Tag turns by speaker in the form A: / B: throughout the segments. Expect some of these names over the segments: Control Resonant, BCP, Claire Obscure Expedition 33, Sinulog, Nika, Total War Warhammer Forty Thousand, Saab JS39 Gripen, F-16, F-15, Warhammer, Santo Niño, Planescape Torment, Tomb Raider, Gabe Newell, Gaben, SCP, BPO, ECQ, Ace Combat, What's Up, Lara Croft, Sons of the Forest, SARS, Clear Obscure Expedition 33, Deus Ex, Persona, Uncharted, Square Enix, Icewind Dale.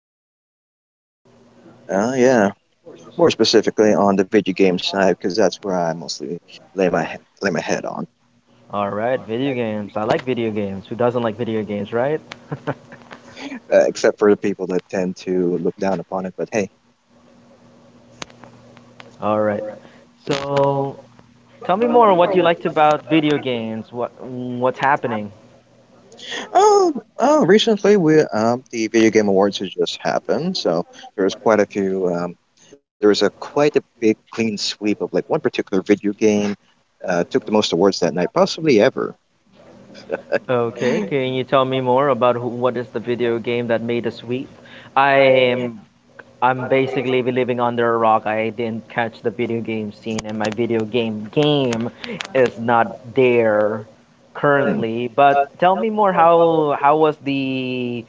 A: that correct?
B: Yeah. More specifically on the video game side, because that's where I mostly lay my he- lay my head on.
A: All right, video games. I like video games. Who doesn't like video games, right?
B: Except for the people that tend to look down upon it. But hey,
A: All right. So tell me more. What you liked about video games? What's happening?
B: oh, oh, recently we the video game awards has just happened, so there was quite a few. There was a quite a big clean sweep of like one particular video game. Took the most awards that night, possibly ever.
A: Okay, can you tell me more about who, what is the video game that made us weep? I am I'm basically living under a rock. I didn't catch the video game scene, and my video game is not there
B: Mm.
A: currently. But tell me more. How was the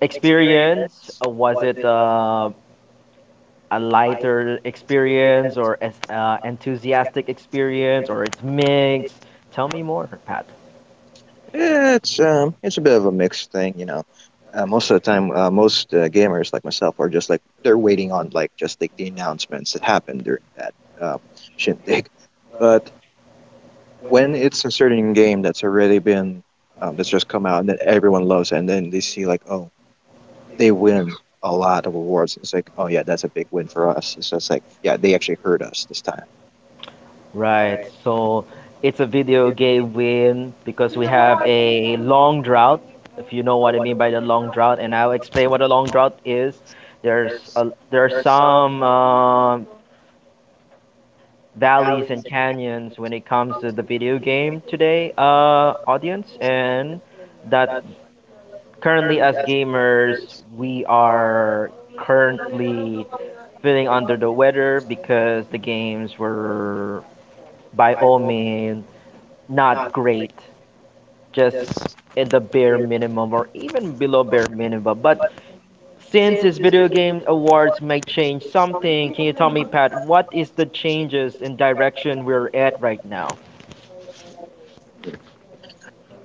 A: experience? Was it a lighter experience, or as enthusiastic experience, or it's mixed? Tell me more, Pat.
B: Yeah, it's it's a bit of a mixed thing, you know. Most of the time, most gamers like myself are just like they're waiting on like just like the announcements that happen during that uh, shindig. But when it's a certain game that's already been that's just come out and that everyone loves, and then they see like, oh, they win a lot of awards, it's like, oh yeah, that's a big win for us. It's just like, yeah, they actually heard us this time.
A: Right. So it's a video game win because we have a long drought, if you know what I mean by the long drought, and I'll explain what a long drought is. There are some valleys and canyons when it comes to the video game today, audience, and that currently, as gamers, we are currently feeling under the weather because the games were, by all means, not great, just at the bare minimum or even below bare minimum. But since this video game awards may change something, can you tell me, Pat, what is the changes in direction we're at right now?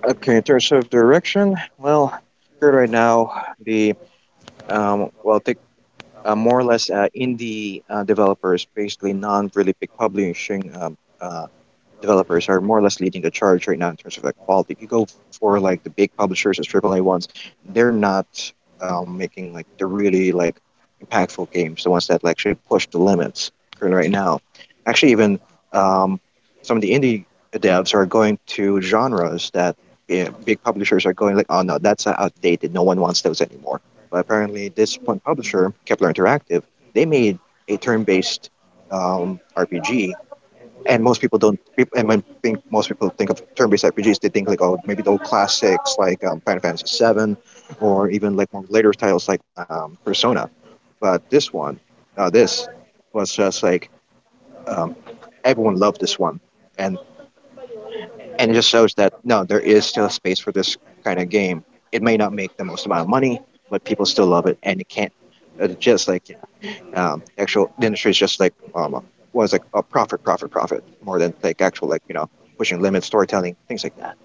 B: Okay, in terms of direction, well, good right now the well take more or less indie developers, basically non really big publishing developers are more or less leading the charge right now in terms of like quality. If you go for like the big publishers as AAA ones, they're not making like the really like impactful games, the ones that, like, actually push the limits currently right now. Actually, even um, some of the indie devs are going to genres that, yeah, big publishers are going like, oh no, that's outdated. No one wants those anymore. But apparently, this one publisher, Kepler Interactive, they made a turn-based RPG, and most people don't peop- and when think most people think of turn-based RPGs, they think like, oh, maybe the old classics like Final Fantasy 7, or even like more later titles like Persona. But this one, this was just like, um, everyone loved this one, and it just shows that no, there is still a space for this kind of game. It may not make the most amount of money, but people still love it, and it can't just like actual the industry is just like, what is like, a profit, profit, profit more than like actual, like, you know, pushing limits, storytelling, things like that.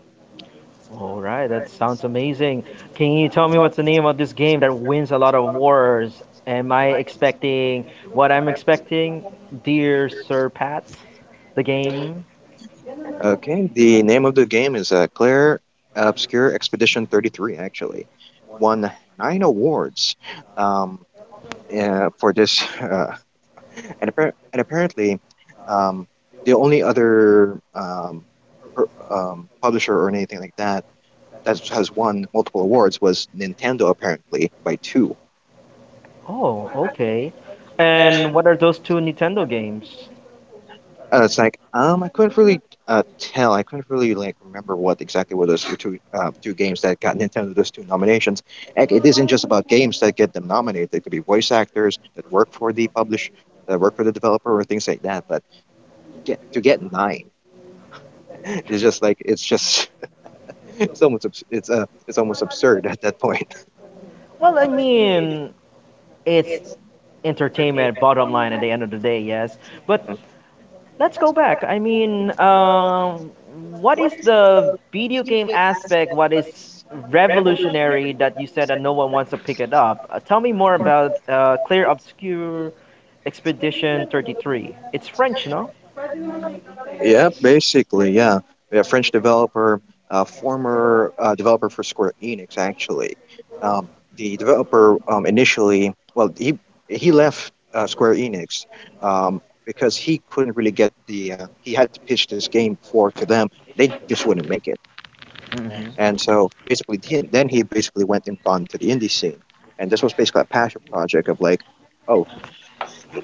A: All right, that sounds amazing. Can you tell me what's the name of this game that wins a lot of awards? Am I expecting what I'm expecting, dear Sir Pat? The game?
B: Okay, the name of the game is Claire Obscure Expedition 33. Actually, won 9 awards, um, for this, and, appar- and apparently um, the only other publisher or anything like that that has won multiple awards was Nintendo, apparently, by 2.
A: Oh, okay. And what are those two Nintendo games?
B: It's like I couldn't really tell. I couldn't really like remember what exactly were those two games that got Nintendo those 2 nominations. Like, it isn't just about games that get them nominated. It could be voice actors that work for the publish, that work for the developer, or things like that. But to get 9, it's just like, it's just, it's almost absurd at that point.
A: Well, I mean, it's entertainment bottom line at the end of the day, yes, but let's go back. I mean, what is the video game aspect? What is revolutionary that you said that no one wants to pick it up? Tell me more about Clear Obscure Expedition 33. It's French, no?
B: Yeah, basically, yeah. A French developer, a former developer for Square Enix, actually. Um, the developer, initially, well, he left Square Enix um, because he couldn't really get the. He had to pitch this game before to them. They just wouldn't make it,
A: Mhm.
B: and so basically, he, then he basically went and gone to the indie scene, and this was basically a passion project of like, oh,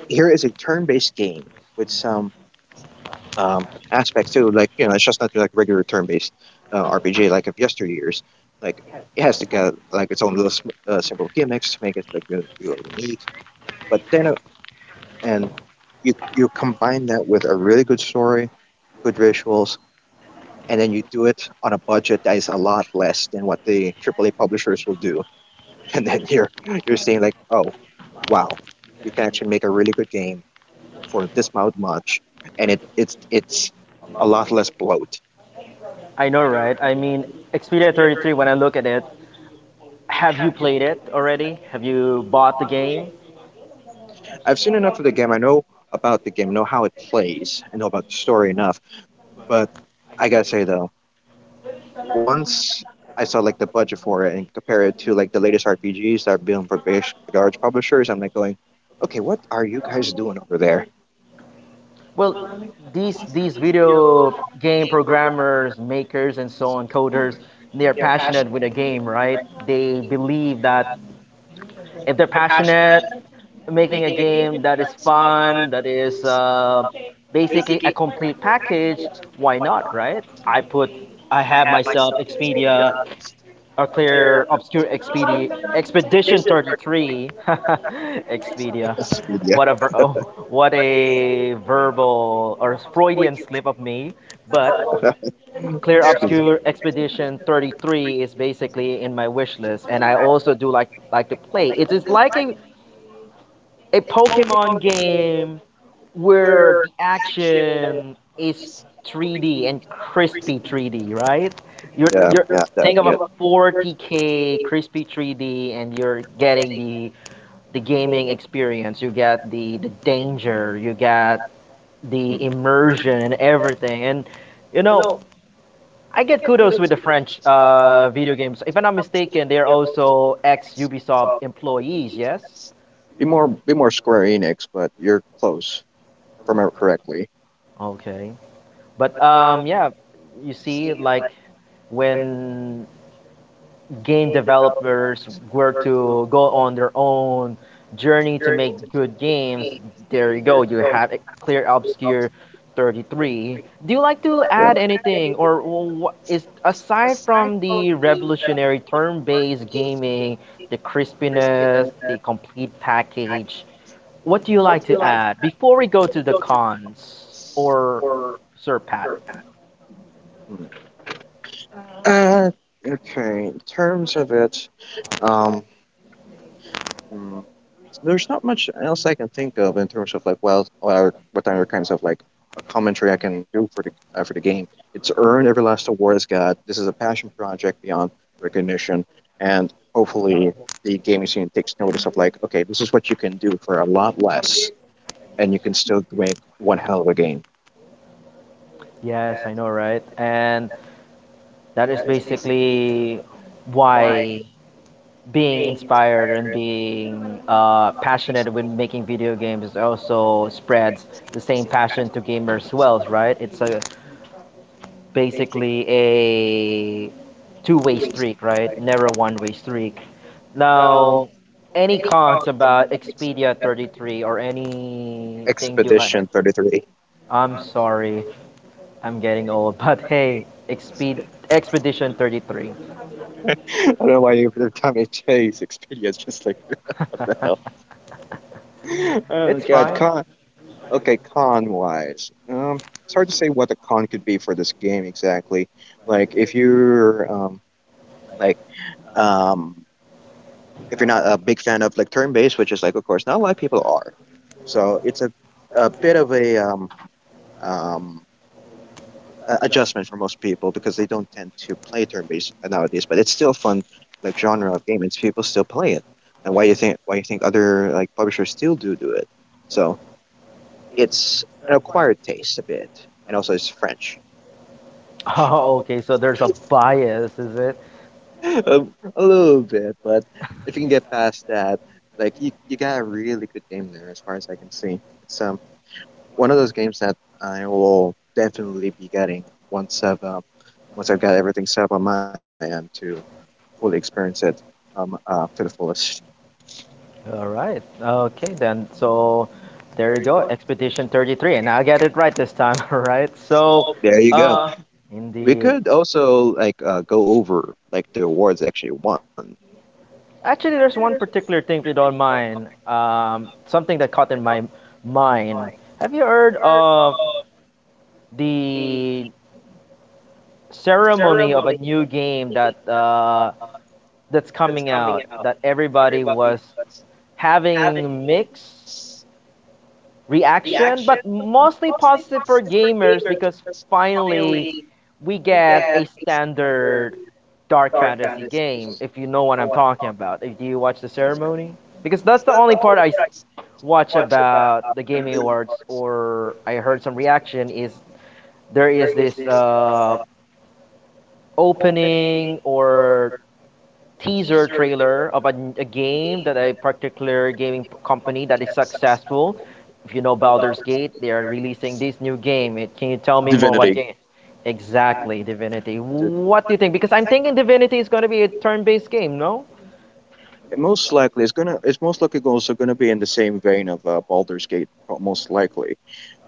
B: here is a turn-based game with some aspects too. Like, you know, it's just not like regular turn-based RPG like of yesteryears. Like, it has to get like its own little simple gimmicks to make it like you unique. But then and you combine that with a really good story, good visuals, and then you do it on a budget that is a lot less than what the AAA publishers will do. And then you're seeing like, oh, wow, you can actually make a really good game for this amount much, and it's a lot less bloat.
A: I know, right? I mean, Expedia 33, when I look at it, have you played it already? Have you bought the game?
B: I've seen enough of the game. I know about the game, know how it plays, and know about the story enough. But I gotta say though, once I saw like the budget for it and compare it to like the latest RPGs that are being for big, large publishers, I'm like going, okay, what are you guys doing over there?
A: Well, these video game programmers, makers, and so on, coders, they are passionate with a game, right? They believe that if they're passionate, making a game that is fun, that is basically a complete package, why not, right? I have myself Expedia, or Clear Obscure Expedia, Expedition 33. Expedia,
B: Expedia.
A: oh, what a verbal or Freudian slip of me. But Clear
B: Expedia.
A: Obscure Expedition 33 is basically in my wish list, and I also do like to play. It is like a Pokemon game where the action is 3D and crispy 3D, right?
B: Yeah,
A: You're
B: yeah, that,
A: think of a
B: yeah.
A: 40K crispy 3D, and you're getting the gaming experience. You get the danger. You get the immersion and everything. And you know, I get kudos with the French video games. If I'm not mistaken, they're also ex Ubisoft employees. Yes.
B: Be more Square Enix, but you're close, if I
A: Oh,
B: remember correctly.
A: okay. But yeah, you see, like when game developers were to go on their own journey to make good games, there you go. Clear Obscure 33. Do you like to
B: Yeah.
A: add anything, or is aside from the revolutionary turn-based gaming, the crispiness, the complete package? What do you like to add before we go to the cons or Sir Pat?
B: Hmm. Uh, okay. In terms of it, um, hmm, there's not much else I can think of in terms of like, well, what are what other kinds of like commentary I can do for the game. It's earned every last award it's got. This is a passion project beyond recognition, and hopefully the gaming scene takes notice of like, okay, this is what you can do for a lot less, and you can still make one hell of a game.
A: Yes, I know, right? And that is basically why being inspired and being passionate when making video games also spreads the same passion to gamers well, right? It's a basically a two-way streak, right? Never a one-way streak. Now, any cons about Expedia 33 or anything you like?
B: Expedition 33.
A: I'm sorry, I'm getting old, but hey, Exped Expedition 33.
B: I don't know why every time I chase Expedia, it's just like, what the hell? Oh,
A: It's
B: God.
A: fine.
B: Con- Okay, con wise, it's hard to say what the con could be for this game exactly. Like, if you're like um, if you're not a big fan of like turn-based, which is like of course not a lot of people are, so it's a bit of a um, adjustment for most people because they don't tend to play turn-based nowadays. But it's still a fun like genre of game, and people still play it. And why you think other like publishers still do it? So it's an acquired taste a bit, and also it's French.
A: Oh, okay, so there's a bias, is it?
B: A little bit, but if you can get past that, like, you got a really good game there, as far as I can see. It's one of those games that I will definitely be getting once I've um, once I've got everything set up on my end to fully experience it to the fullest.
A: All right. Okay, then. So there you go, Expedition 33. And I got it right this time, all right? So,
B: There you go.
A: uh,
B: We
A: indeed.
B: could also like go over like the awards actually won.
A: Actually, there's one particular thing, if you don't mind, something that caught in my mind. Have you heard of the ceremony of a new game that's coming out that everybody was having mix reaction, but mostly positive for gamers because finally we get a standard dark fantasy game? If you know what I'm talking about, do you watch the ceremony, because that's the only part I watch about the gaming awards, or I heard some reaction is there is this opening or teaser trailer of a game that a particular gaming company that is successful. If you know Baldur's Gate, they are releasing this new game. Can you tell me more what
B: Divinity.
A: game? Exactly, Divinity.
B: Di-
A: What do you think? Because I'm thinking Divinity is going to be a turn-based game, no?
B: Most likely, it's gonna. It's most likely also gonna be in the same vein of Baldur's Gate, most likely,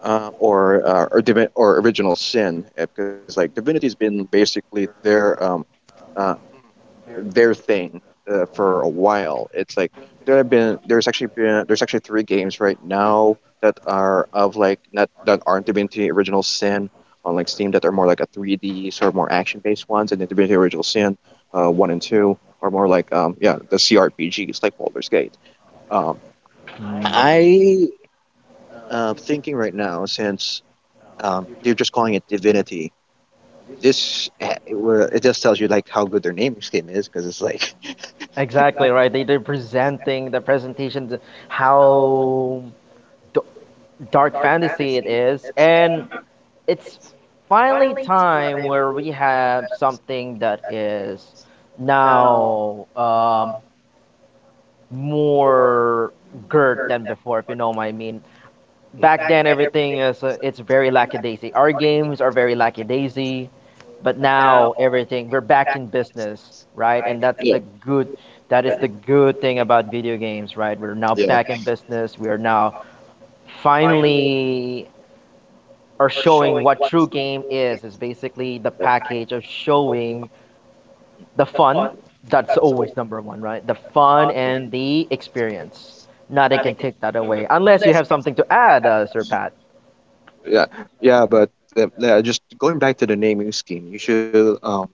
B: or divi- or original sin, because like Divinity has been basically uh, their thing for a while. It's like there's actually been there's actually three games right now that are of like, not that aren't Divinity Original Sin on like Steam, that are more like a 3D sort of more action based ones, and the Divinity Original Sin 1 and 2 are more like, yeah, the CRPGs like Baldur's Gate. Um I Thinking right now, since they're just calling it Divinity. This eh, it, were- it just tells you like how good their naming scheme is, because it's like
A: Exactly right. They're presenting the presentation, how d- dark fantasy it is, and it's finally time where we have something that is now more girt than before, if you know what I mean. Back then, everything is it's very lackadaisy. Our games are very lackadaisy, but now everything, we're back in business, right? And that's the
B: yeah
A: good. That is the good thing about video games, right? We're now
B: yeah
A: back in business. We are now finally, or showing what true game is, basically the
B: yeah
A: package of showing the fun, that's always number one, right? The fun and the experience, nothing can take that away unless you have something to add, Sir Pat.
B: yeah yeah. But yeah, just going back to the naming scheme, you should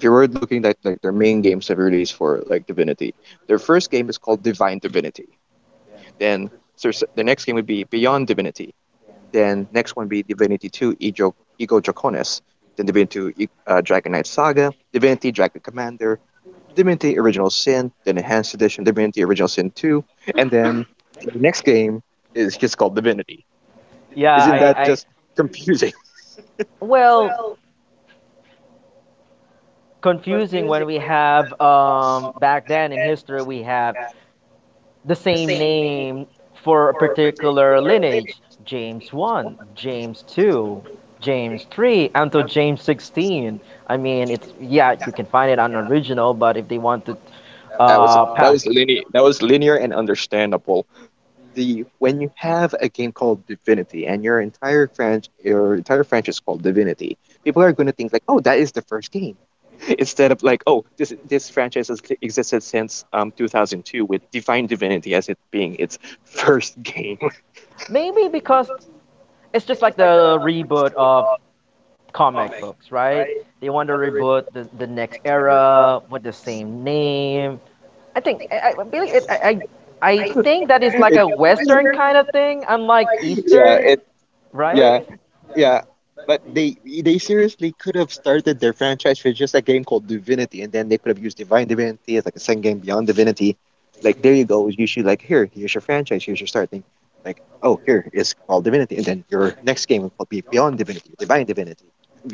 B: if you were looking at like their main games they've released for like Divinity, their first game is called Divine Divinity. Then there's the next game would be Beyond Divinity. Then next one would be Divinity Two Ego Ego Draconis. Then Dragon Knight Saga, Divinity Dragon Commander, Divinity Original Sin, then Enhanced Edition Divinity Original Sin 2, and then the next game is just called Divinity.
A: Yeah, i
B: Isn't that
A: i
B: just confusing?
A: well, confusing when we have back then in history, we have the same name for a particular lineage: James 1, James 2, James 3, until James 16. I mean, it's, yeah, you can find it on original, but if they want to
B: That was that
A: pass.
B: was linear, that was linear and understandable. The When you have a game called Divinity and your entire franchise is called Divinity, people are going to think like, "Oh, that is the first game." Instead of like, "Oh, this franchise has existed since 2002 with Divine Divinity as it being its first game."
A: Maybe because it's just like the reboot of comic books, right? They want to reboot the next era with the same name. I think, believe it. I think that is like a Western kind of thing, unlike Eastern,
B: Yeah,
A: right?
B: right? Yeah. But they seriously could have started their franchise with just a game called Divinity, and then they could have used Divine Divinity as like a second game beyond Divinity. Like, there you go, you should like, here, here's your franchise, here's your starting. Like, oh, here is called Divinity, and then your next game will be Beyond Divinity, Divine Divinity,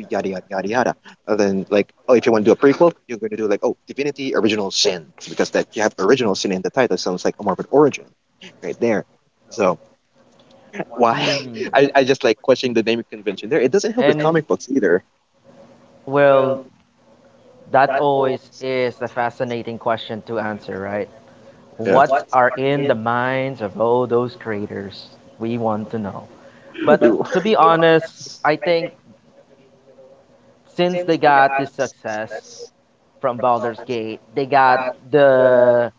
B: yada yada yada yada. And then like, oh, if you want to do a prequel, you're going to do like, oh, Divinity Original Sin, because that you have Original Sin in the title sounds like a morbid origin right there. So why
A: Hmm.
B: I just like questioning the naming convention there. It doesn't help with
A: And
B: comic books either.
A: well, that always is a fascinating question to answer, right?
B: Yeah.
A: What are in the minds of all those creators? We want to know. But
B: Ooh.
A: to be honest, I think since they got this success from Baldur's Gate, they got the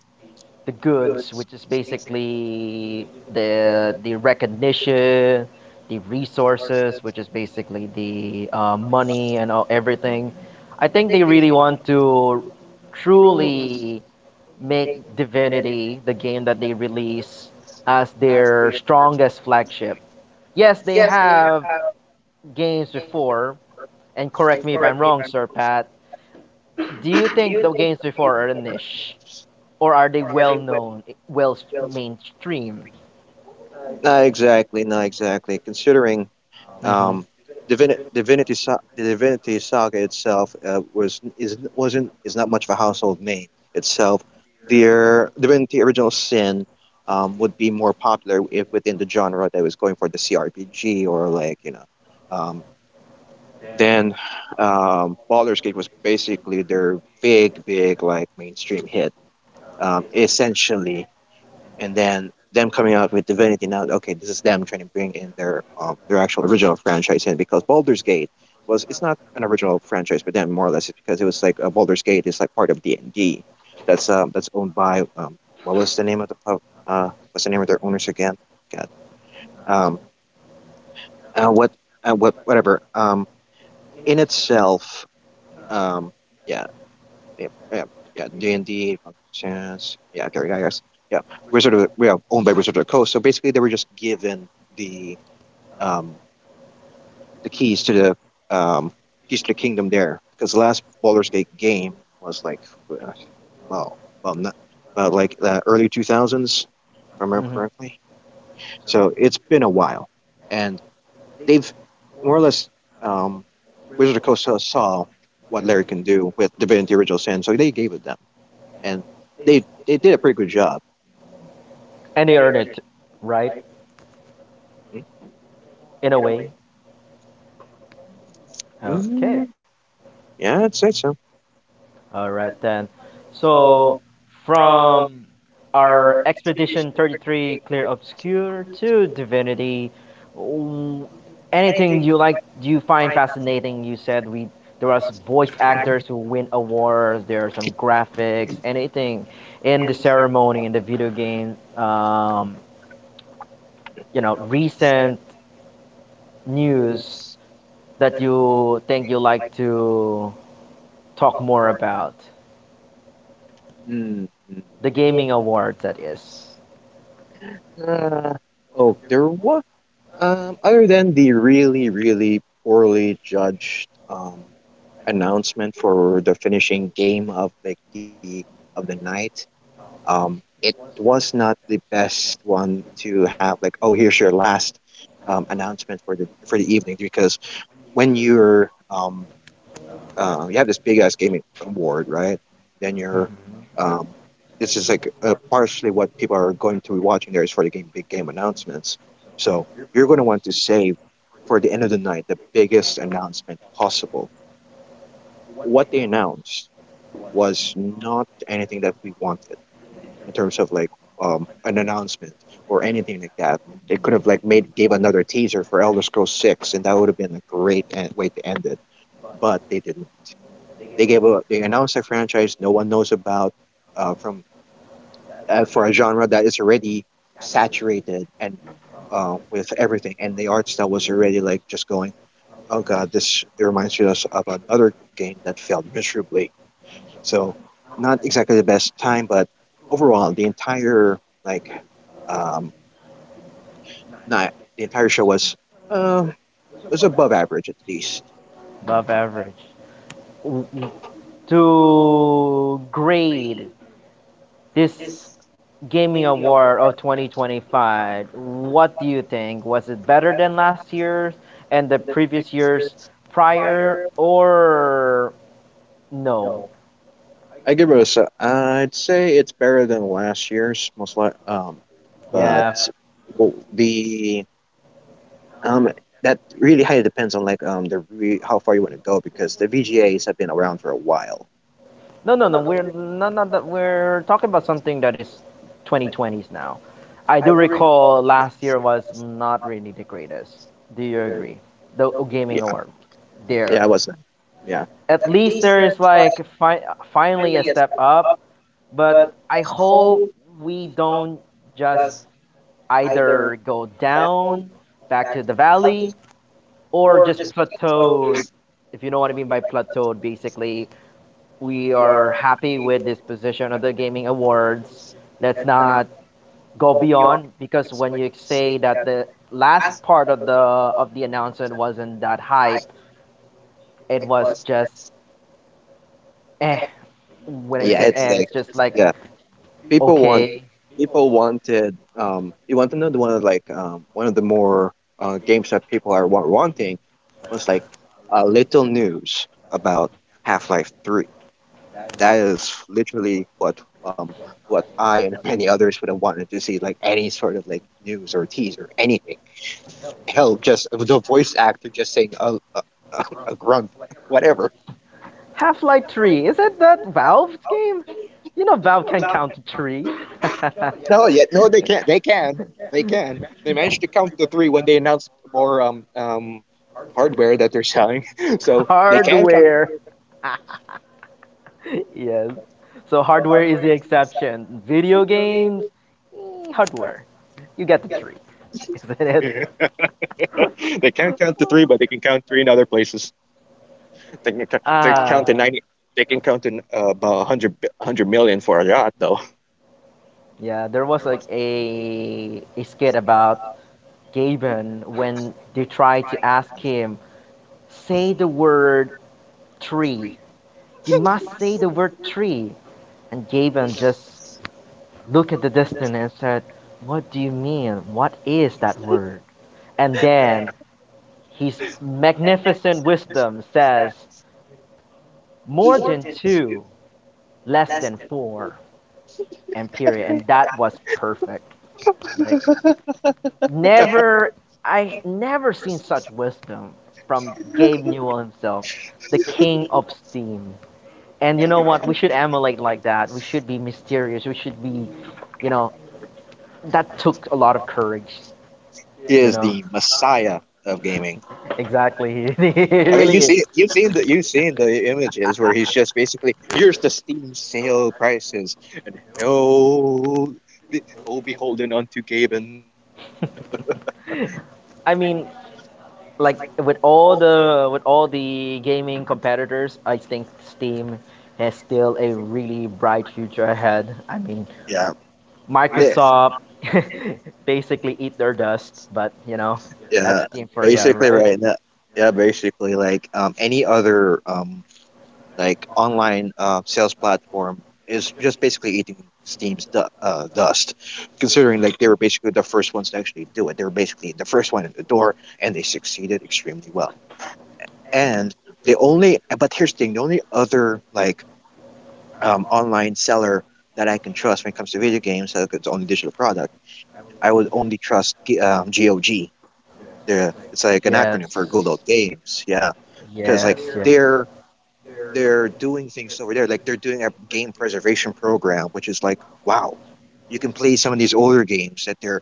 A: goods, which is basically the recognition, the resources, which is basically the money and all, everything. I think they really want to truly make Divinity, the game that they release, as their strongest flagship. Yes, they have games before, and correct me if I'm wrong, Sir Pat. Do you think the games before are a niche, or are they well known, well mainstream?
B: Not exactly, not exactly. Considering
A: Mm-hmm.
B: um, Divinity, the Divinity Saga itself was is wasn't is not much of a household name itself. Their Divinity Original Sin would be more popular if within the genre that was going for the CRPG or like you know um, Then Baldur's Gate was basically their big, big like mainstream hit, essentially. And then them coming out with Divinity now, okay, this is them trying to bring in their actual original franchise in because Baldur's Gate was it's not an original franchise, but then more or less it's because it was like Baldur's Gate is like part of D and D, that's owned by what was the name of the pub what's the name of their owners again? God um uh, what what whatever in itself um. Yeah Yeah, yeah, yeah, D&D, Final Chance, yeah, Gary Gygax, yeah, owned by Wizard of the Coast. So basically, they were just given the um the keys to um the kingdom there because the last Baldur's Gate game was like uh, well, well, not, like the early 2000s, if I remember
A: Mm-hmm.
B: correctly. So it's been a while, and they've more or less um Wizard of the Coast saw what Larry can do with Divinity Original Sin, so they gave it them and they did a pretty good job.
A: And they earn it, right? In a way. Okay.
B: Mm, yeah, I'd say so.
A: All right then. So from our Expedition 33 Clear Obscure to Divinity, w- anything you like you find fascinating? You said we there was voice actors who win awards, there are some graphics, anything in the ceremony in the video game, recent news that you think you like to talk more about?
B: Mm, mm.
A: The gaming awards, that is.
B: Uh, oh, there was other than the really really poorly judged announcement for the finishing game of like the of the night. It was not the best one to have like oh here's your last announcement for the evening because when you're you have this big ass gaming award, right? Then you're, um, this is like partially what people are going to be watching there is for the game big game announcements. So you're going to want to save for the end of the night the biggest announcement possible. What they announced was not anything that we wanted in terms of like an announcement or anything like that. They could have like made gave another teaser for Elder Scrolls Six, and that would have been a great way to end it. But they did they gave a they announced a franchise no one knows about from for a genre that is already saturated and with everything, and the art style was already like just going, oh god, this it reminds us of another game that failed miserably. So not exactly the best time, but overall the entire like um, not the entire show uh, was above average at least.
A: Above average. To grade this gaming award of 2025, what do you think? Was it better than last year's and the previous years prior, or no?
B: I give it a I'd say it's better than last year's, most like but
A: Yeah.
B: Yeah. well, the um that really highly depends on like how far you want to go because the VGAs have been around for a while.
A: No, no, no. We're not that. We're talking about something that is 2020s now. I do recall last year was not really the greatest. Do you agree? The gaming award
B: Yeah,
A: there.
B: yeah. I wasn't. Yeah,
A: At least there is like finally a step up, but I hope we don't just either go down back to the valley or just plateaued. If you know what I mean by plateaued, basically we are happy with this position of the gaming awards. Let's not go beyond because when you say that the last part of the announcement wasn't that hype, it was just eh. When I
B: yeah,
A: said
B: it's
A: eh,
B: like
A: it's just like
B: yeah, people want
A: okay.
B: people wanted you want to know the one of like one of the more games that people are wanting was like a little news about Half Life Three. That is literally what I and many others would have wanted to see, like any sort of like news or tease or anything. Hell, just the voice actor just saying a grunt, whatever.
A: Half Life Three, is it that Valve's game? You know Valve can count to three.
B: No, yet no, they can't. They can. They can. They managed to count to three when they announced more hardware that they're selling, so they can count
A: Hardware. Yes. So hardware is the exception. Video games, hardware. You get the three, isn't it?
B: they can't count to three, but they can count three in other places. They can
A: Ah.
B: count to 90. They can count in about 100, 100 million for a yacht, though.
A: Yeah, there was like a skit about Gaben when they tried to ask him, say the word tree. You must say the word tree. And Gaben just looked at the distance and said, "What do you mean? What is that word?" And then his magnificent wisdom says, "More than two, less than four," and period. And that was perfect. Like, never I never seen such wisdom from Gabe Newell himself, the king of Steam. And you know what? We should emulate like that. We should be mysterious. We should be, you know, that took a lot of courage. You
B: Is
A: know,
B: the messiah of gaming.
A: exactly. It
B: I mean,
A: really is.
B: you've seen the images where he's just basically here's the Steam sale prices and oh beholden unto Gaben.
A: I mean, like, with all the gaming competitors, I think Steam has still a really bright future ahead. I mean,
B: Yeah, the-
A: Microsoft basically eat their dust, but you know, that's
B: yeah,
A: the Inferia,
B: basically
A: right?
B: right now. Yeah, basically like any other like online sales platform is just basically eating steam's dust considering like they were basically the first ones to actually do it. They were basically the first one in the door and they succeeded extremely well, and the only but here's the thing, the only other like online seller that I can trust when it comes to video games, like it's only digital product, I would only trust GOG. The it's like an acronym for good
A: Yes.
B: old games, yeah, because
A: Yes,
B: like
A: yes.
B: they're doing things over there. Like they're doing a game preservation program, which is like, wow, you can play some of these older games that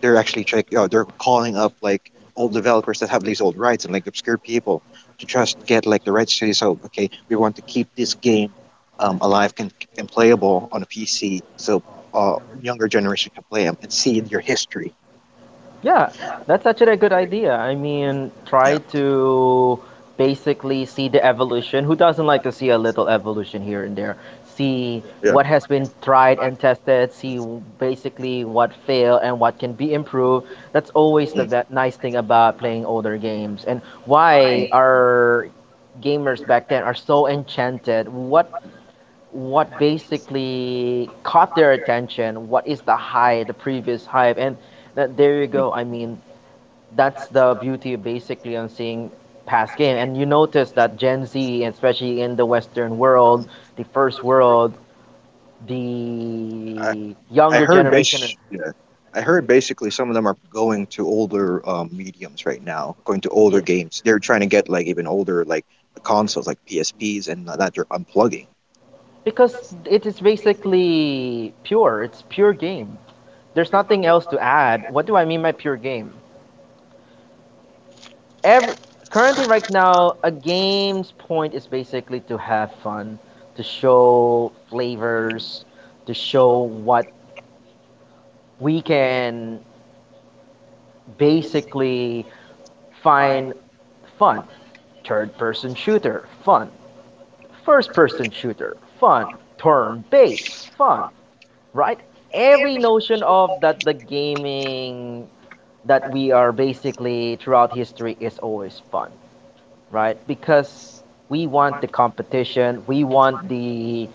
B: they're actually check. You know, they're calling up like old developers that have these old rights and like obscure people to just get like the rights to say, so okay, we want to keep this game alive and playable on a PC, so younger generation can play them and see your history.
A: Yeah, that's actually a good idea. I mean,
B: Yeah,
A: try to basically see the evolution. Who doesn't like to see a little evolution here and there? See
B: yeah.
A: what has been tried and tested, see basically what failed and what can be improved. That's always the that nice thing about playing older games and why our gamers back then are so enchanted. What basically caught their attention? What is the high, the previous hype? And that there you
B: Mm.
A: go. I mean, that's the beauty of basically on seeing past game. And you notice that Gen Z, especially in the Western world, the first world, the
B: I
A: younger
B: heard Okay.
A: generation,
B: bas- yeah. I heard basically some of them are going to older mediums right now, going to older
A: yeah,
B: games. They're trying to get like even older like consoles like PSPs and that they're unplugging.
A: because it is basically pure. It's pure game. There's nothing else to add. What do I mean by pure game? Every currently right now, a game's point is basically to have fun, to show flavors, to show what we can basically find fun. Third person shooter, fun. First person shooter, fun. Turn based, fun. Right? Every notion of that the gaming that we are basically throughout history is always fun, right? Because we want the competition, we want the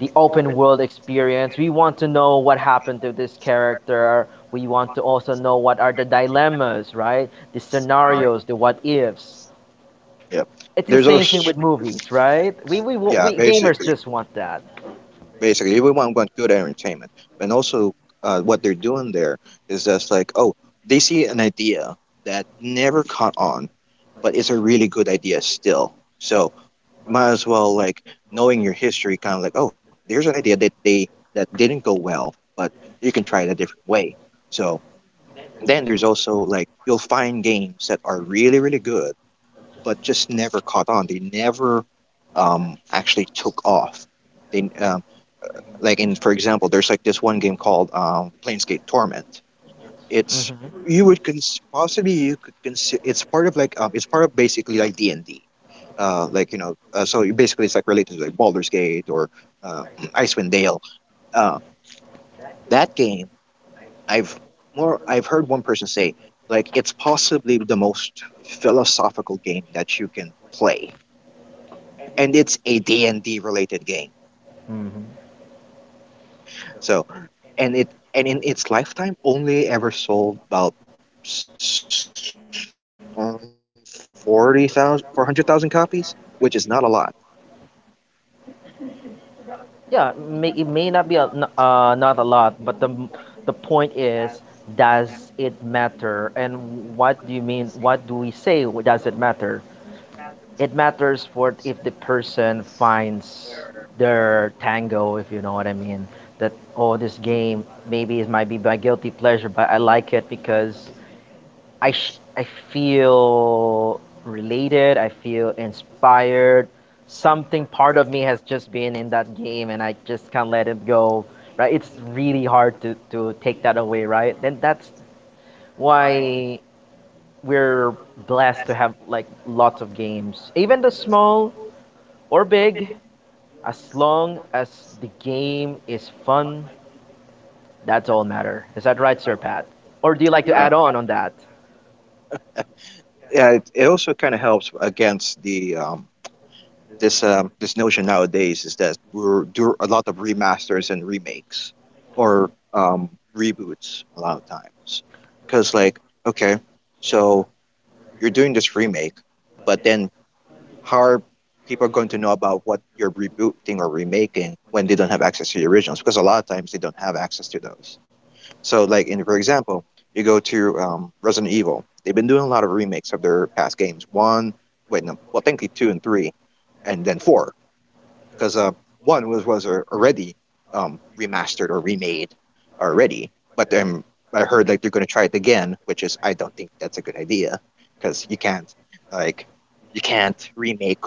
A: the open world experience. We want to know what happened to this character. We want to also know what are the dilemmas, right? The
B: Mm,
A: scenarios, the what ifs.
B: yeah.
A: It's the
B: There's
A: same
B: also
A: thing with movies, right? We we wa-
B: yeah,
A: we gamers just want that.
B: basically, everyone want good entertainment, and also what they're doing there is just like, oh, they see an idea that never caught on, but it's a really good idea still. So might as well, like, knowing your history kind of like oh there's an idea that they that didn't go well but you can try it a different way. So then there's also like you'll find games that are really really good but just never caught on. They never actually took off. They Like in for example there's like this one game called Planescape Torment.
A: Hmm.
B: It's You would possibly you could consider it's part of like it's part of basically like D and D, like you know so you basically it's like related to like Baldur's Gate or uh, Icewind Dale. Uh, that game I've more I've heard one person say like it's possibly the most philosophical game that you can play, and it's a D and D related game. So, and it and in its lifetime only ever sold about s- um, 40,000 copies, which is not a lot.
A: Yeah, it may not be not a lot, but the point is, does it matter? And what do you mean? What do we say? Does it matter? It matters for if the person finds their tango, if you know what I mean. That oh, this game maybe it might be my guilty pleasure, but I like it because I feel related, I feel inspired. Something part of me has just been in that game and I just can't let it go, right? It's really hard to take that away, right? And that's why we're blessed to have like lots of games, even the small or big, as long as the game is fun, that's all matter. Is that right, Sir Pat? Or
B: Uh,
A: do you like to add on that?
B: yeah, it also kind of helps against the this notion nowadays is that we're do a lot of remasters and remakes or reboots a lot of times because like okay, so you're doing this remake, but then how are people going to know about what you're rebooting or remaking when they don't have access to the originals? Because a lot of times they don't have access to those. So, like in for example, you go to Resident Evil. They've been doing a lot of remakes of their past games. One, wait, no, well, technically two and three, and then four because one was already remastered or remade already, but I heard like they're gonna try it again, which is I don't think that's a good idea because like you can't remake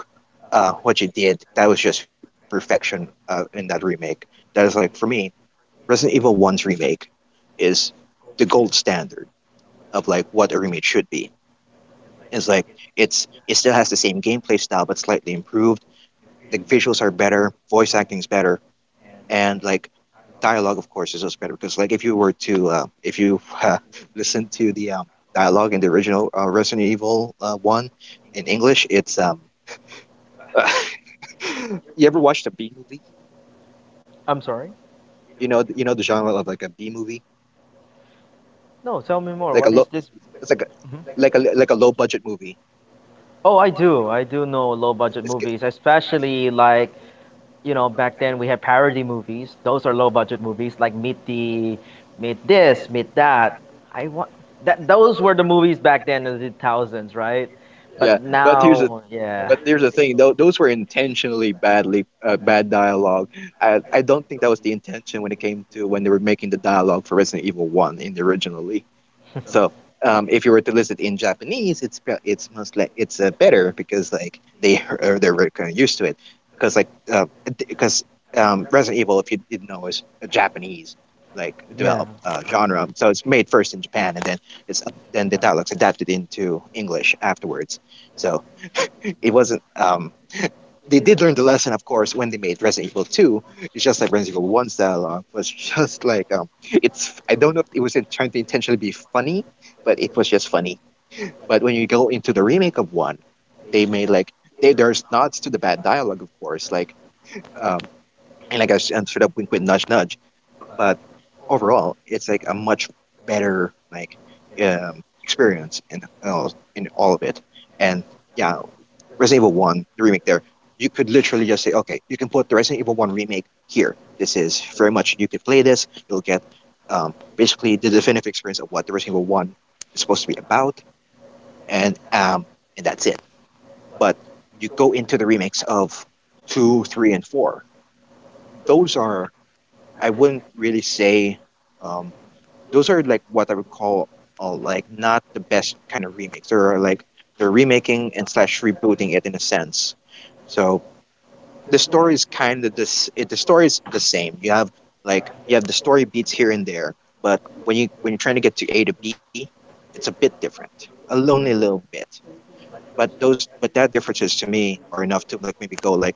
B: what you did. That was just perfection in that remake. That is like for me, Resident Evil One's remake is the gold standard of like what a remake should be. It's like it's it still has the same gameplay style but slightly improved. The visuals are better, voice acting's better, and like dialogue of course is also better because like if you were to if you listen to the dialogue in the original resident evil one in english it's you ever watched a b movie?
A: I'm sorry.
B: You know the genre of like a b movie,
A: No, tell me more.
B: like a
A: What
B: low
A: is this?
B: it's like a
A: Mhm.
B: like a low budget movie?
A: Oh, I do. I do know low budget
B: it's g-
A: movies, especially like, you know, back then we had parody movies. Those are low budget movies like Meet This, Meet That. I want that Those were the movies back then in the thousands, right? But
B: yeah,
A: now, yeah.
B: but here's the thing though, those were intentionally bad dialogue. I don't think that was the intention when it came to when they were making the dialogue for resident evil 1 in the originally. So if you were to list it in Japanese, it's it's most like it's better because like they're kind of used to it because like because Resident Evil, if you didn't know, is a Japanese like
A: Yeah,
B: developed genre, so it's made first in Japan and then it's then the dialogues adapted into English afterwards. So it wasn't they did learn the lesson, of course, when they made Resident Evil 2. It's just like Resident Evil 1's dialogue was just like it's. I don't know if it was trying to intentionally be funny, but it was just funny. But when you go into the remake of one, they made like there's nods to the bad dialogue, of course, um, and and sort of wink, wink, nudge, nudge. But overall, it's like a much better like experience in all of it. And yeah, Resident Evil One, the remake there, you could literally just say, okay, you can put the Resident Evil One remake here. This is very much you could play this. You'll get basically the definitive experience of what the Resident Evil One is supposed to be about, and um, and that's it. But you go into the remakes of two, three, and four. Those are I wouldn't really say. um, those are like what I would call like not the best kind of remakes. They're like they're remaking and slash rebooting it in a sense. So the story is kind of this. The story is the same. You have like you have the story beats here and there, but when you're trying to get to A to B, it's a bit different, a lonely little bit. But those but that differences to me are enough to like maybe go like,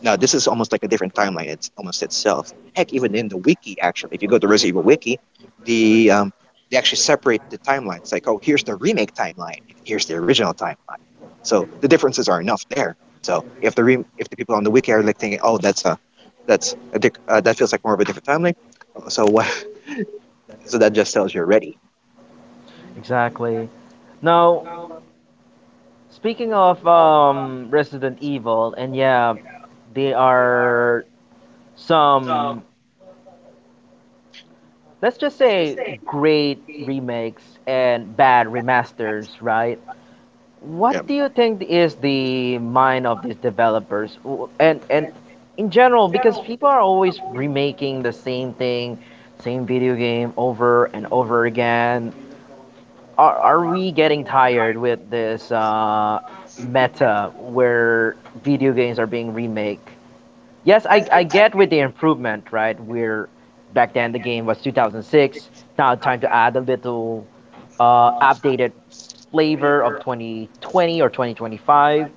B: now, this is almost like a different timeline. It's almost itself. Heck, even in the wiki, actually, if you go to Resident Evil Wiki, the um, they actually separate the timelines. Like, oh, here's the remake timeline, and here's the original timeline. So the differences are enough there. So if the people on the wiki are like thinking, oh, that's a dic- that feels like more of a different timeline. Oh, so what? So that just tells you already.
A: exactly. Now, speaking of Resident Evil, and yeah, they are some, let's just say, great remakes and bad remasters, right?
B: Yeah.
A: What do you think is the mind of these developers? And in general, because people are always remaking the same thing, same video game over and over again. Are we getting tired with this meta where video games are being remake? Yes, I get with the improvement, right? Where back then the game was 2006. Now time to add a little updated flavor of 2020 or 2025.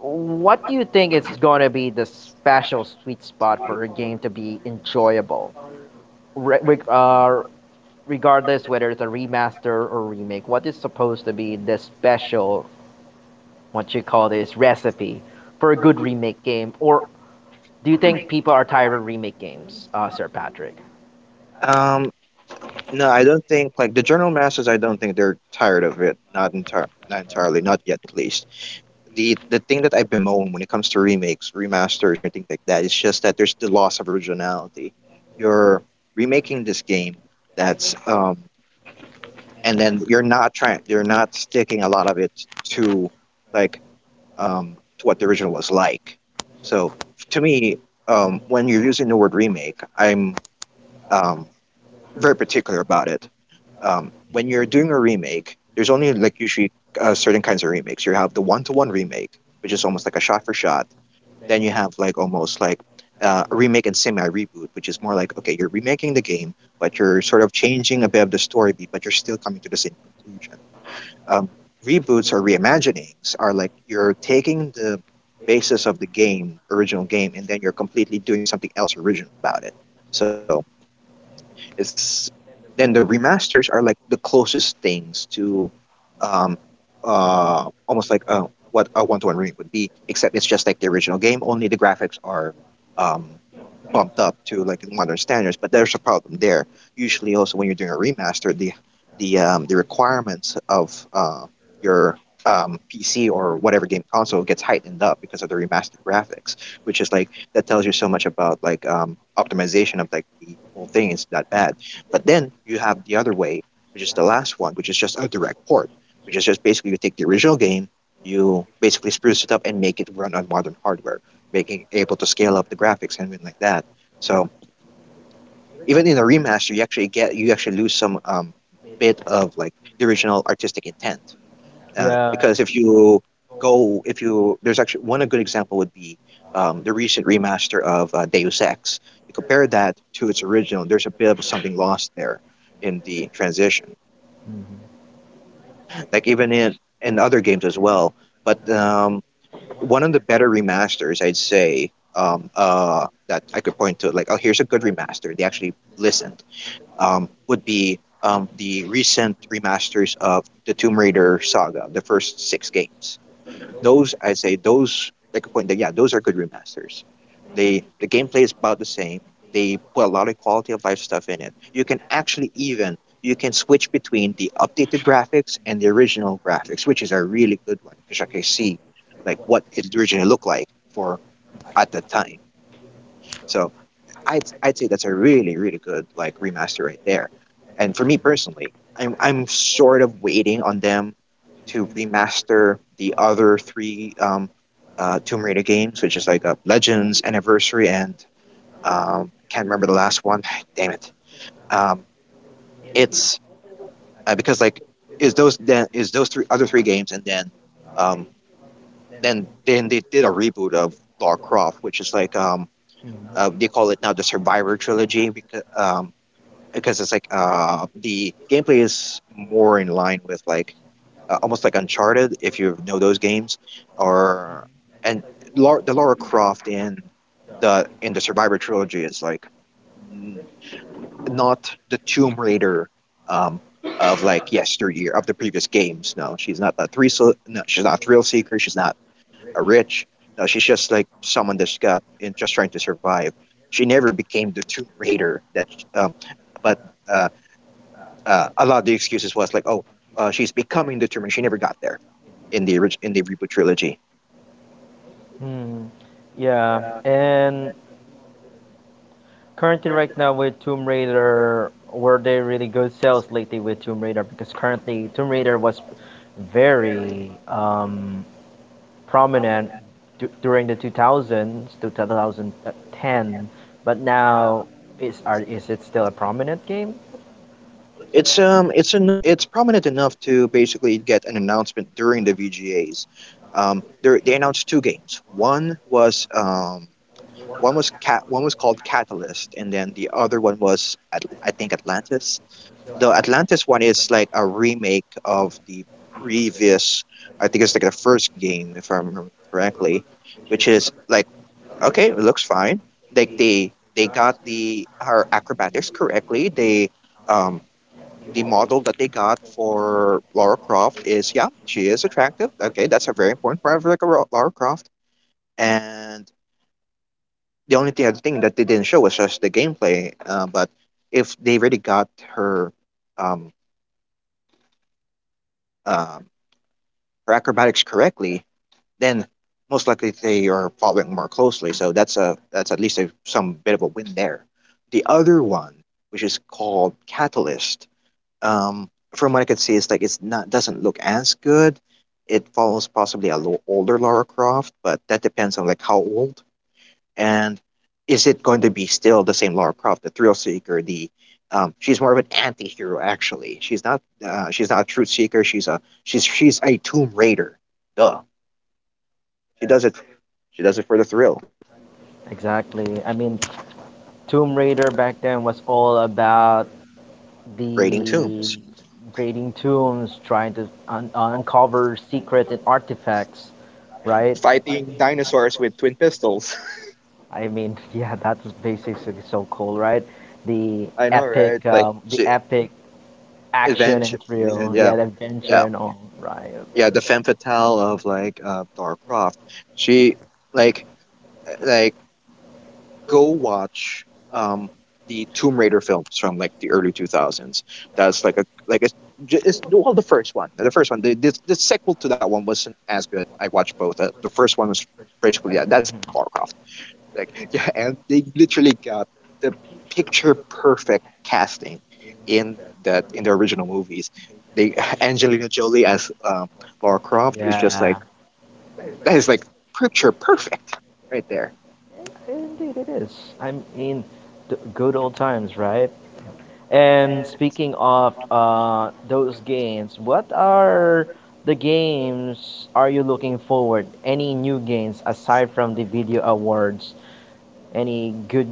A: What do you think is going to be the special sweet spot for a game to be enjoyable? Re- reg- uh, Regardless whether it's a remaster or remake, what is supposed to be the special, what you call this, recipe for a good remake game or do you think people are tired of remake games, Sir Patrick?
B: Um. No, I don't think like the journal masters. I don't think they're tired of it. Not entirely, not yet at least. The thing that I bemoan when it comes to remakes, remasters, or anything like that, it's just that there's the loss of originality. You're remaking this game that's and then you're not sticking a lot of it to like to what the original was like. So to me, when you're using the word remake, I'm um very particular about it. When you're doing a remake, there's only like usually certain kinds of remakes. You have the one-to-one remake, which is almost like a shot-for-shot, then you have like almost like remake and semi reboot, which is more like okay, you're remaking the game, but you're sort of changing a bit of the story beat, but you're still coming to the same conclusion. Um, Reboots or reimaginings are like you're taking the basis of the game, original game, and then you're completely doing something else original about it. So it's then the remasters are like the closest things to um almost like what a one to one remake would be, except it's just like the original game, only the graphics are um bumped up to like modern standards, but there's a problem there. Usually also when you're doing a remaster, the requirements of your PC or whatever game console gets heightened up because of the remastered graphics, which is like that tells you so much about optimization of like the whole thing is that bad. But then you have the other way, which is the last one, which is just a direct port, which is just basically you take the original game, you basically spruce it up and make it run on modern hardware, making able to scale up the graphics and everything like that. So even in a remaster, you actually lose some bit of like the original artistic intent. Yeah,
A: Yeah.
B: because if you, there's actually one a good example would be the recent remaster of Deus Ex. You compare that to its original, there's a bit of something lost there in the transition.
A: Mm-hmm.
B: Like even in other games as well. But one of the better remasters, I'd say, that I could point to, like, oh, here's a good remaster. They actually listened. Would be the recent remasters of the Tomb Raider saga, the first 6 games, those I say those like a point that yeah, those are good remasters. They the gameplay is about the same. They put a lot of quality of life stuff in it. You can actually even you can switch between the updated graphics and the original graphics, which is a really good one because I can see like what it originally looked like for at the time. So I'd say that's a really really good like remaster right there. And for me personally, I'm sort of waiting on them to remaster the other three Tomb Raider games, which is like Legends, Anniversary, and can't remember the last one. Damn it! Um, it's because like is those three other three games, and um, then they did a reboot of Lara Croft, which is they call it now the Survivor trilogy because it's like the gameplay is more in line with like almost like Uncharted if you know those games, or and the Lara Croft in the Survivor trilogy is n- not the Tomb Raider um of like yesteryear of the previous games. No, she's not a thrill. No, she's not a thrill seeker. She's not a rich. No, she's just like someone that's got and just trying to survive. She never became the Tomb Raider that, um, but. Uh. A lot of the excuses was like, "Oh, she's becoming determined. She never got there in the in the reboot trilogy."
A: Hmm. Yeah. And currently, right now with Tomb Raider, were they really good sales lately with Tomb Raider? Because currently, Tomb Raider was very prominent during the 2000s to 2010, but now is are, is it still a prominent game?
B: It's an it's prominent enough to basically get an announcement during the VGAs. There they announced two games. One was called Catalyst, and then the other one was I think Atlantis. The Atlantis one is like a remake of the previous. I think it's like the first game, if I remember correctly, which is like okay, it looks fine. Like they got the her acrobatics correctly. Um the model that they got for Lara Croft is yeah, she is attractive. Okay, that's a very important part of like a Laura Croft. And the only thing, other thing that they didn't show was just the gameplay. But if they really got her um um her acrobatics correctly, then most likely they are following more closely. So that's a that's at least a, some bit of a win there. The other one, which is called Catalyst, from what I could see, it's like it's not doesn't look as good. It follows possibly a little older Lara Croft, but that depends on like how old and is it going to be still the same Lara Croft, the thrill seeker, the she's more of an anti-hero actually. She's not a truth seeker. She's a tomb raider. Duh, she does it. She does it for the thrill.
A: Exactly. I mean, Tomb Raider back then was all about
B: Raiding
A: the
B: tombs,
A: grading tombs, trying to uncover secrets and artifacts, right?
B: fighting dinosaurs with twin pistols.
A: I mean, yeah, that's basically so cool, right?
B: I know, right? Like
A: The
B: she
A: epic action and
B: adventure, and
A: thrill,
B: yeah,
A: yeah, the adventure
B: yeah,
A: and all, right?
B: yeah. The femme fatale of like Lara Croft. She like like go watch um the Tomb Raider films from like the early 2000s. That's like a like it's, ju- it's well the first one, the first one. The sequel to that one wasn't as good. I watched both. The first one was basically yeah, that's Lara Croft. Like, yeah, and they literally got the picture perfect casting in that in the original movies. They Angelina Jolie as Lara Croft is just like
A: Yeah,
B: that is like picture perfect right there.
A: indeed it is. I mean, the good old times, right? And speaking of those games, what are the games are you looking forward? Any new games aside from the video awards? Any good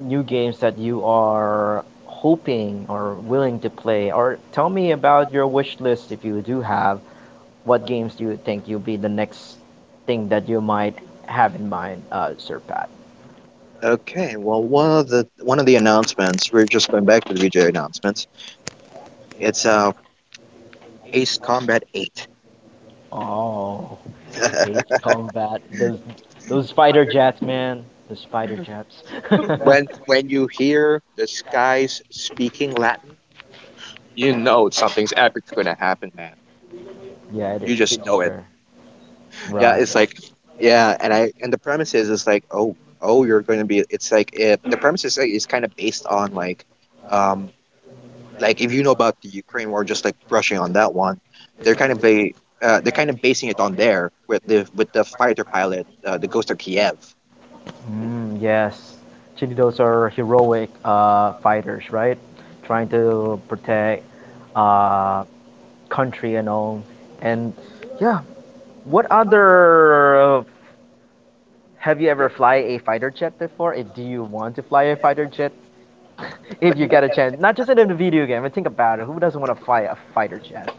A: new games that you are hoping or willing to play? Or tell me about your wish list if you do have. What games do you think you'll be the next thing that you might have in mind, Sir Pat?
B: Okay, well, one of the announcements we're just going back to the VJ announcements. It's Ace Combat 8.
A: Oh. Cage combat. Those fighter jets, man. The fighter jets.
B: When you hear the skies speaking Latin, you know something's epic gonna happen, man.
A: Yeah,
B: You just
A: it's
B: know it.
A: sure.
B: Yeah,
A: Right.
B: it's like yeah, and I and the premise is it's like you're going to be it's like it, the premise is like, is kind of based on um like if you know about the Ukraine war just like brushing on that one they're kind of they're kind of basing it on there with the fighter pilot the Ghost of Kiev.
A: Mm, yes. Actually, those are heroic fighters, right? Trying to protect uh, country and all. And yeah, what other have you ever fly a fighter jet before? If do you want to fly a fighter jet, if you get a chance, not just in a video game, but think about it. Who doesn't want to fly a fighter jet?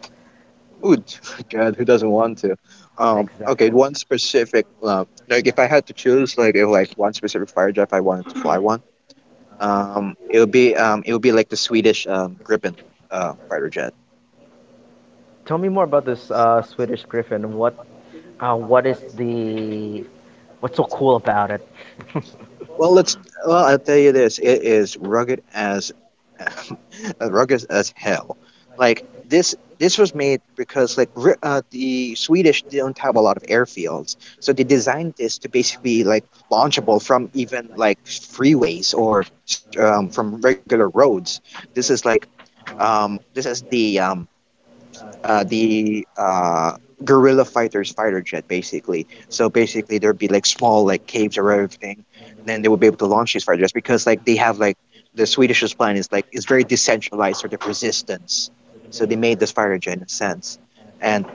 B: Ooh, God, who doesn't want to? Okay,
A: Exactly.
B: one specific like if I had to choose, like if like one specific fighter jet I wanted to fly one it would be like the Swedish Gripen fighter jet.
A: Tell me more about this Swedish Griffin. What is the what's so cool about it?
B: Well, let's. Well, I'll tell you this: it is rugged as rugged as hell. Like this was made because like the Swedish don't have a lot of airfields, so they designed this to basically like launchable from even like freeways or from regular roads. This is like, this is the guerrilla fighters fighter jet basically. So basically there'd be like small like caves or everything. Then they would be able to launch these fighter jets because like they have like, the Swedish's plan is like it's very decentralized sort of resistance. So they made this fighter jet in a sense. And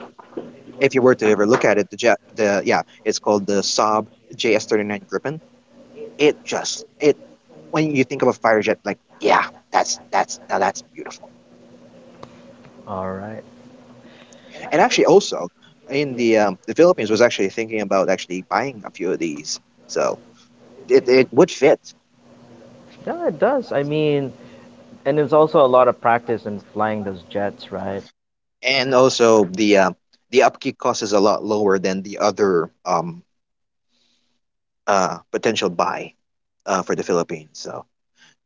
B: if you were to ever look at it, the jet the yeah, it's called the Saab JS 39 Gripen. It just it when you think of a fighter jet, like yeah, that's, beautiful.
A: All right.
B: And actually, also in the Philippines was actually thinking about actually buying a few of these, so it would fit.
A: Yeah, it does. I mean, and it's also a lot of practice in flying those jets, right?
B: And also the upkeep cost is a lot lower than the other potential buy for the Philippines. So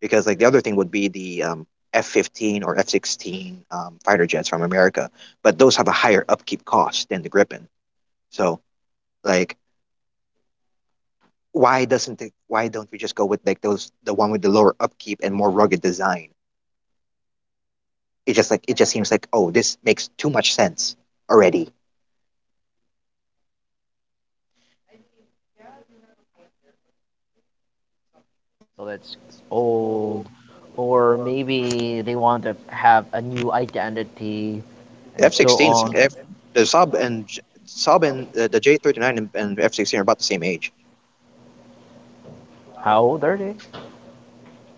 B: because like the other thing would be the F-15 or F-16 fighter jets from America, but those have a higher upkeep cost than the Gripen. So like, why doesn't it, why don't we just go with like those, the one with the lower upkeep and more rugged design? It just like it just seems like, oh, this makes too much sense already.
A: So that's old, or maybe they want to have a new identity, and so on.
B: F-16s, F, the Saab and the J39 and F-16 are about the same age.
A: How old are they?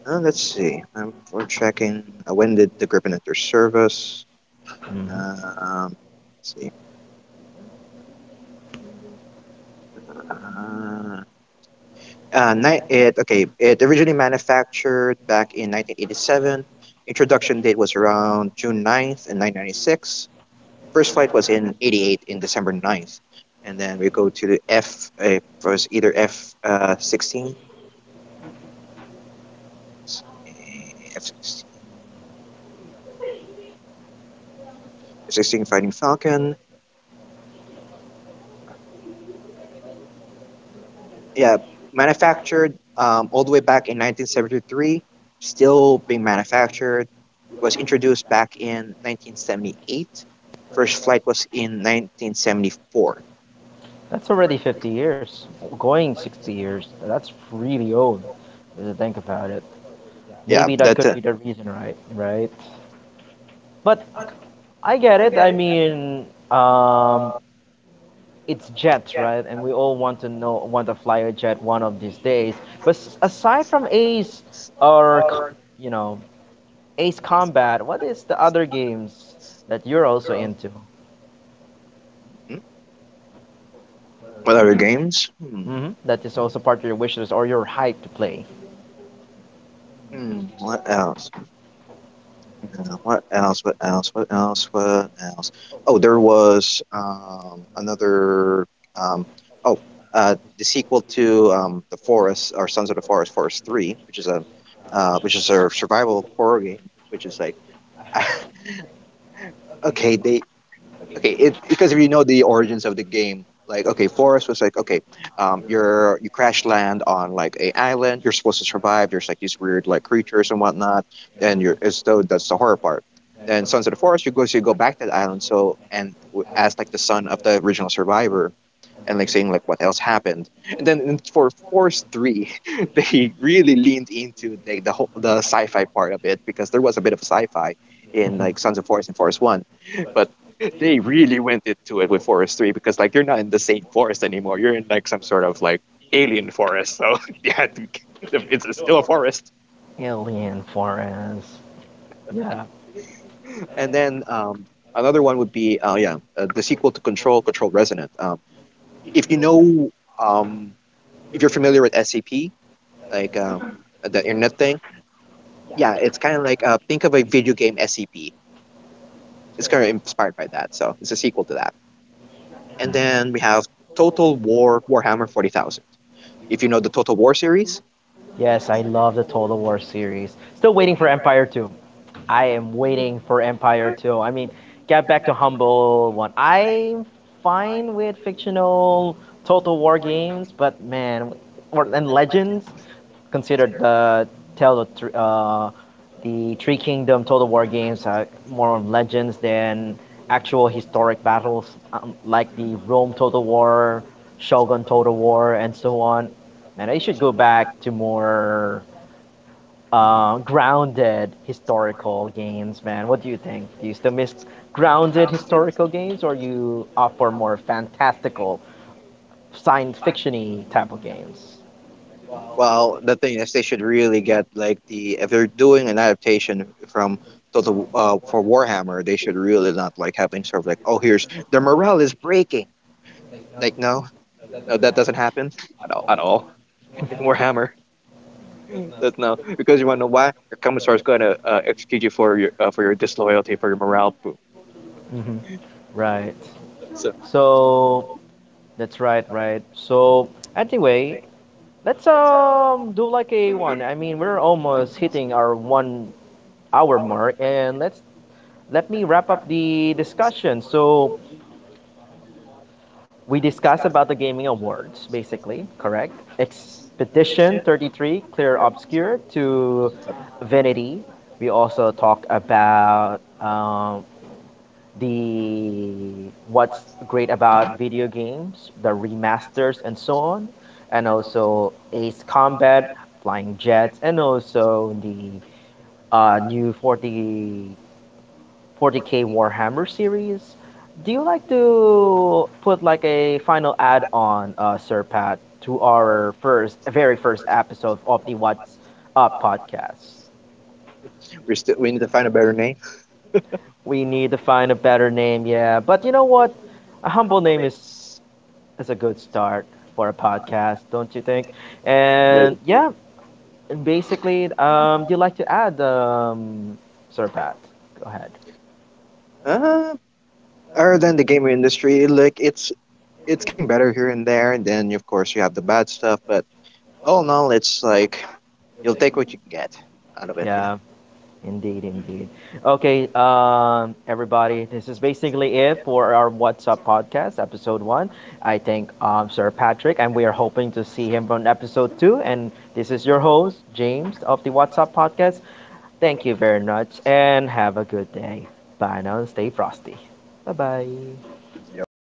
B: Let's see. We're checking. When did the Gripen enter service?
A: Hmm.
B: Uh, Um, let's see. Uh, ni- it Okay. It originally manufactured back in 1987. Introduction date was around June 9th in 1996. First flight was in 88 in December 9th. And then we go to the F, it was either F 16, sixteen Fighting Falcon. Yeah, manufactured all the way back in 1973, still being manufactured, was introduced back in 1978. First flight was in 1974.
A: That's already 50 years, going 60 years. That's really old. If you think about it,
B: Yeah,
A: maybe
B: that's
A: that
B: uh,
A: could be the reason, right? Right. But I get it. I mean, it's jets, right? And we all want to know want to fly a jet one of these days. But aside from or co- you know, Ace Combat, what is the other games that you're also into?
B: Hmm? What other games? Hmm.
A: Hmm. That is also part of your wish list or your hype to play.
B: Hmm. What else? What else? What else? What else? What else? Oh, there was another um oh the sequel to The Forest, or Sons of the Forest, Forest Three, which is a survival horror game, which is like okay they okay it because if you know the origins of the game, like okay, forest was like, okay, you're you crash land on like a island, you're supposed to survive, there's like these weird like creatures and whatnot, and you're it's so that's the horror part. Then sons of the forest, you go, so you go back to the island, so and as like the son of the original survivor, and like saying like what else happened. And then for Force Three, they really leaned into the whole the sci-fi part of it, because there was a bit of sci-fi in like Sons of Forest and Force One, but they really went into it with Forest Three, because like you're not in the same forest anymore. You're in like some sort of like alien forest. So yeah, it's still a forest.
A: Alien Forest. Yeah.
B: And then another one would be yeah, the sequel to Control, Control Resonant. If you know, um, if you're familiar with SCP, like the internet thing. Yeah, it's kind of like, think of a video game SCP. It's kind of inspired by that, so it's a sequel to that. And then we have Total War Warhammer 40,000. If you know the Total War series,
A: Yes, I love the Total War series. Still waiting for Empire 2. I am waiting for Empire 2. I mean, get back to humble one. I'm fine with fictional Total War games, but man, or, and Legends considered the Tale of uh, the Three Kingdom Total War games are more on legends than actual historic battles, like the Rome Total War, Shogun Total War, and so on. Man, I should go back to more grounded historical games, man. What do you think? Do you still miss grounded historical games, or you opt for more fantastical, science fictiony type of games?
B: well, the thing is they should really get like the, if they're doing an adaptation from Total for Warhammer, they should really not like having sort of like, oh, here's their morale is breaking. Like no, no, that doesn't happen at all. At all in Warhammer. That's no, because you want to know why your Commissar is going to execute you for your disloyalty, for your morale poo.
A: Hmm. Right.
B: So
A: So that's right, right. So anyway, let's do like a one. I mean, we're almost hitting our 1 hour mark, and let me wrap up the discussion. So we discussed about the gaming awards, basically, correct? Expedition 33, Clear Obscure to Vanity. We also talked about the what's great about video games, the remasters and so on, and also Ace Combat, Flying Jets, and also the new 40 40k Warhammer series. Do you like to put like a final add on, Sir Pat, to our first, very first episode of the What's Up podcast?
B: we still, we need to find a better name.
A: We need to find a better name, yeah. But you know what? A humble name is a good start for a podcast, don't you think? And yeah, basically, do you like to add, Sir Pat? Go ahead.
B: Uh, Other than the gaming industry, like it's getting better here and there, and then of course you have the bad stuff. But all in all, it's like you'll take what you can get out of it. You
A: Yeah. Indeed, indeed. Okay, everybody, this is basically it for our What's Up podcast, episode one. I thank Sir Patrick, and we are hoping to see him on episode two. And this is your host, James, of the What's Up podcast. Thank you very much, and have a good day. Bye now, and stay frosty. Bye bye.
B: know? Yo.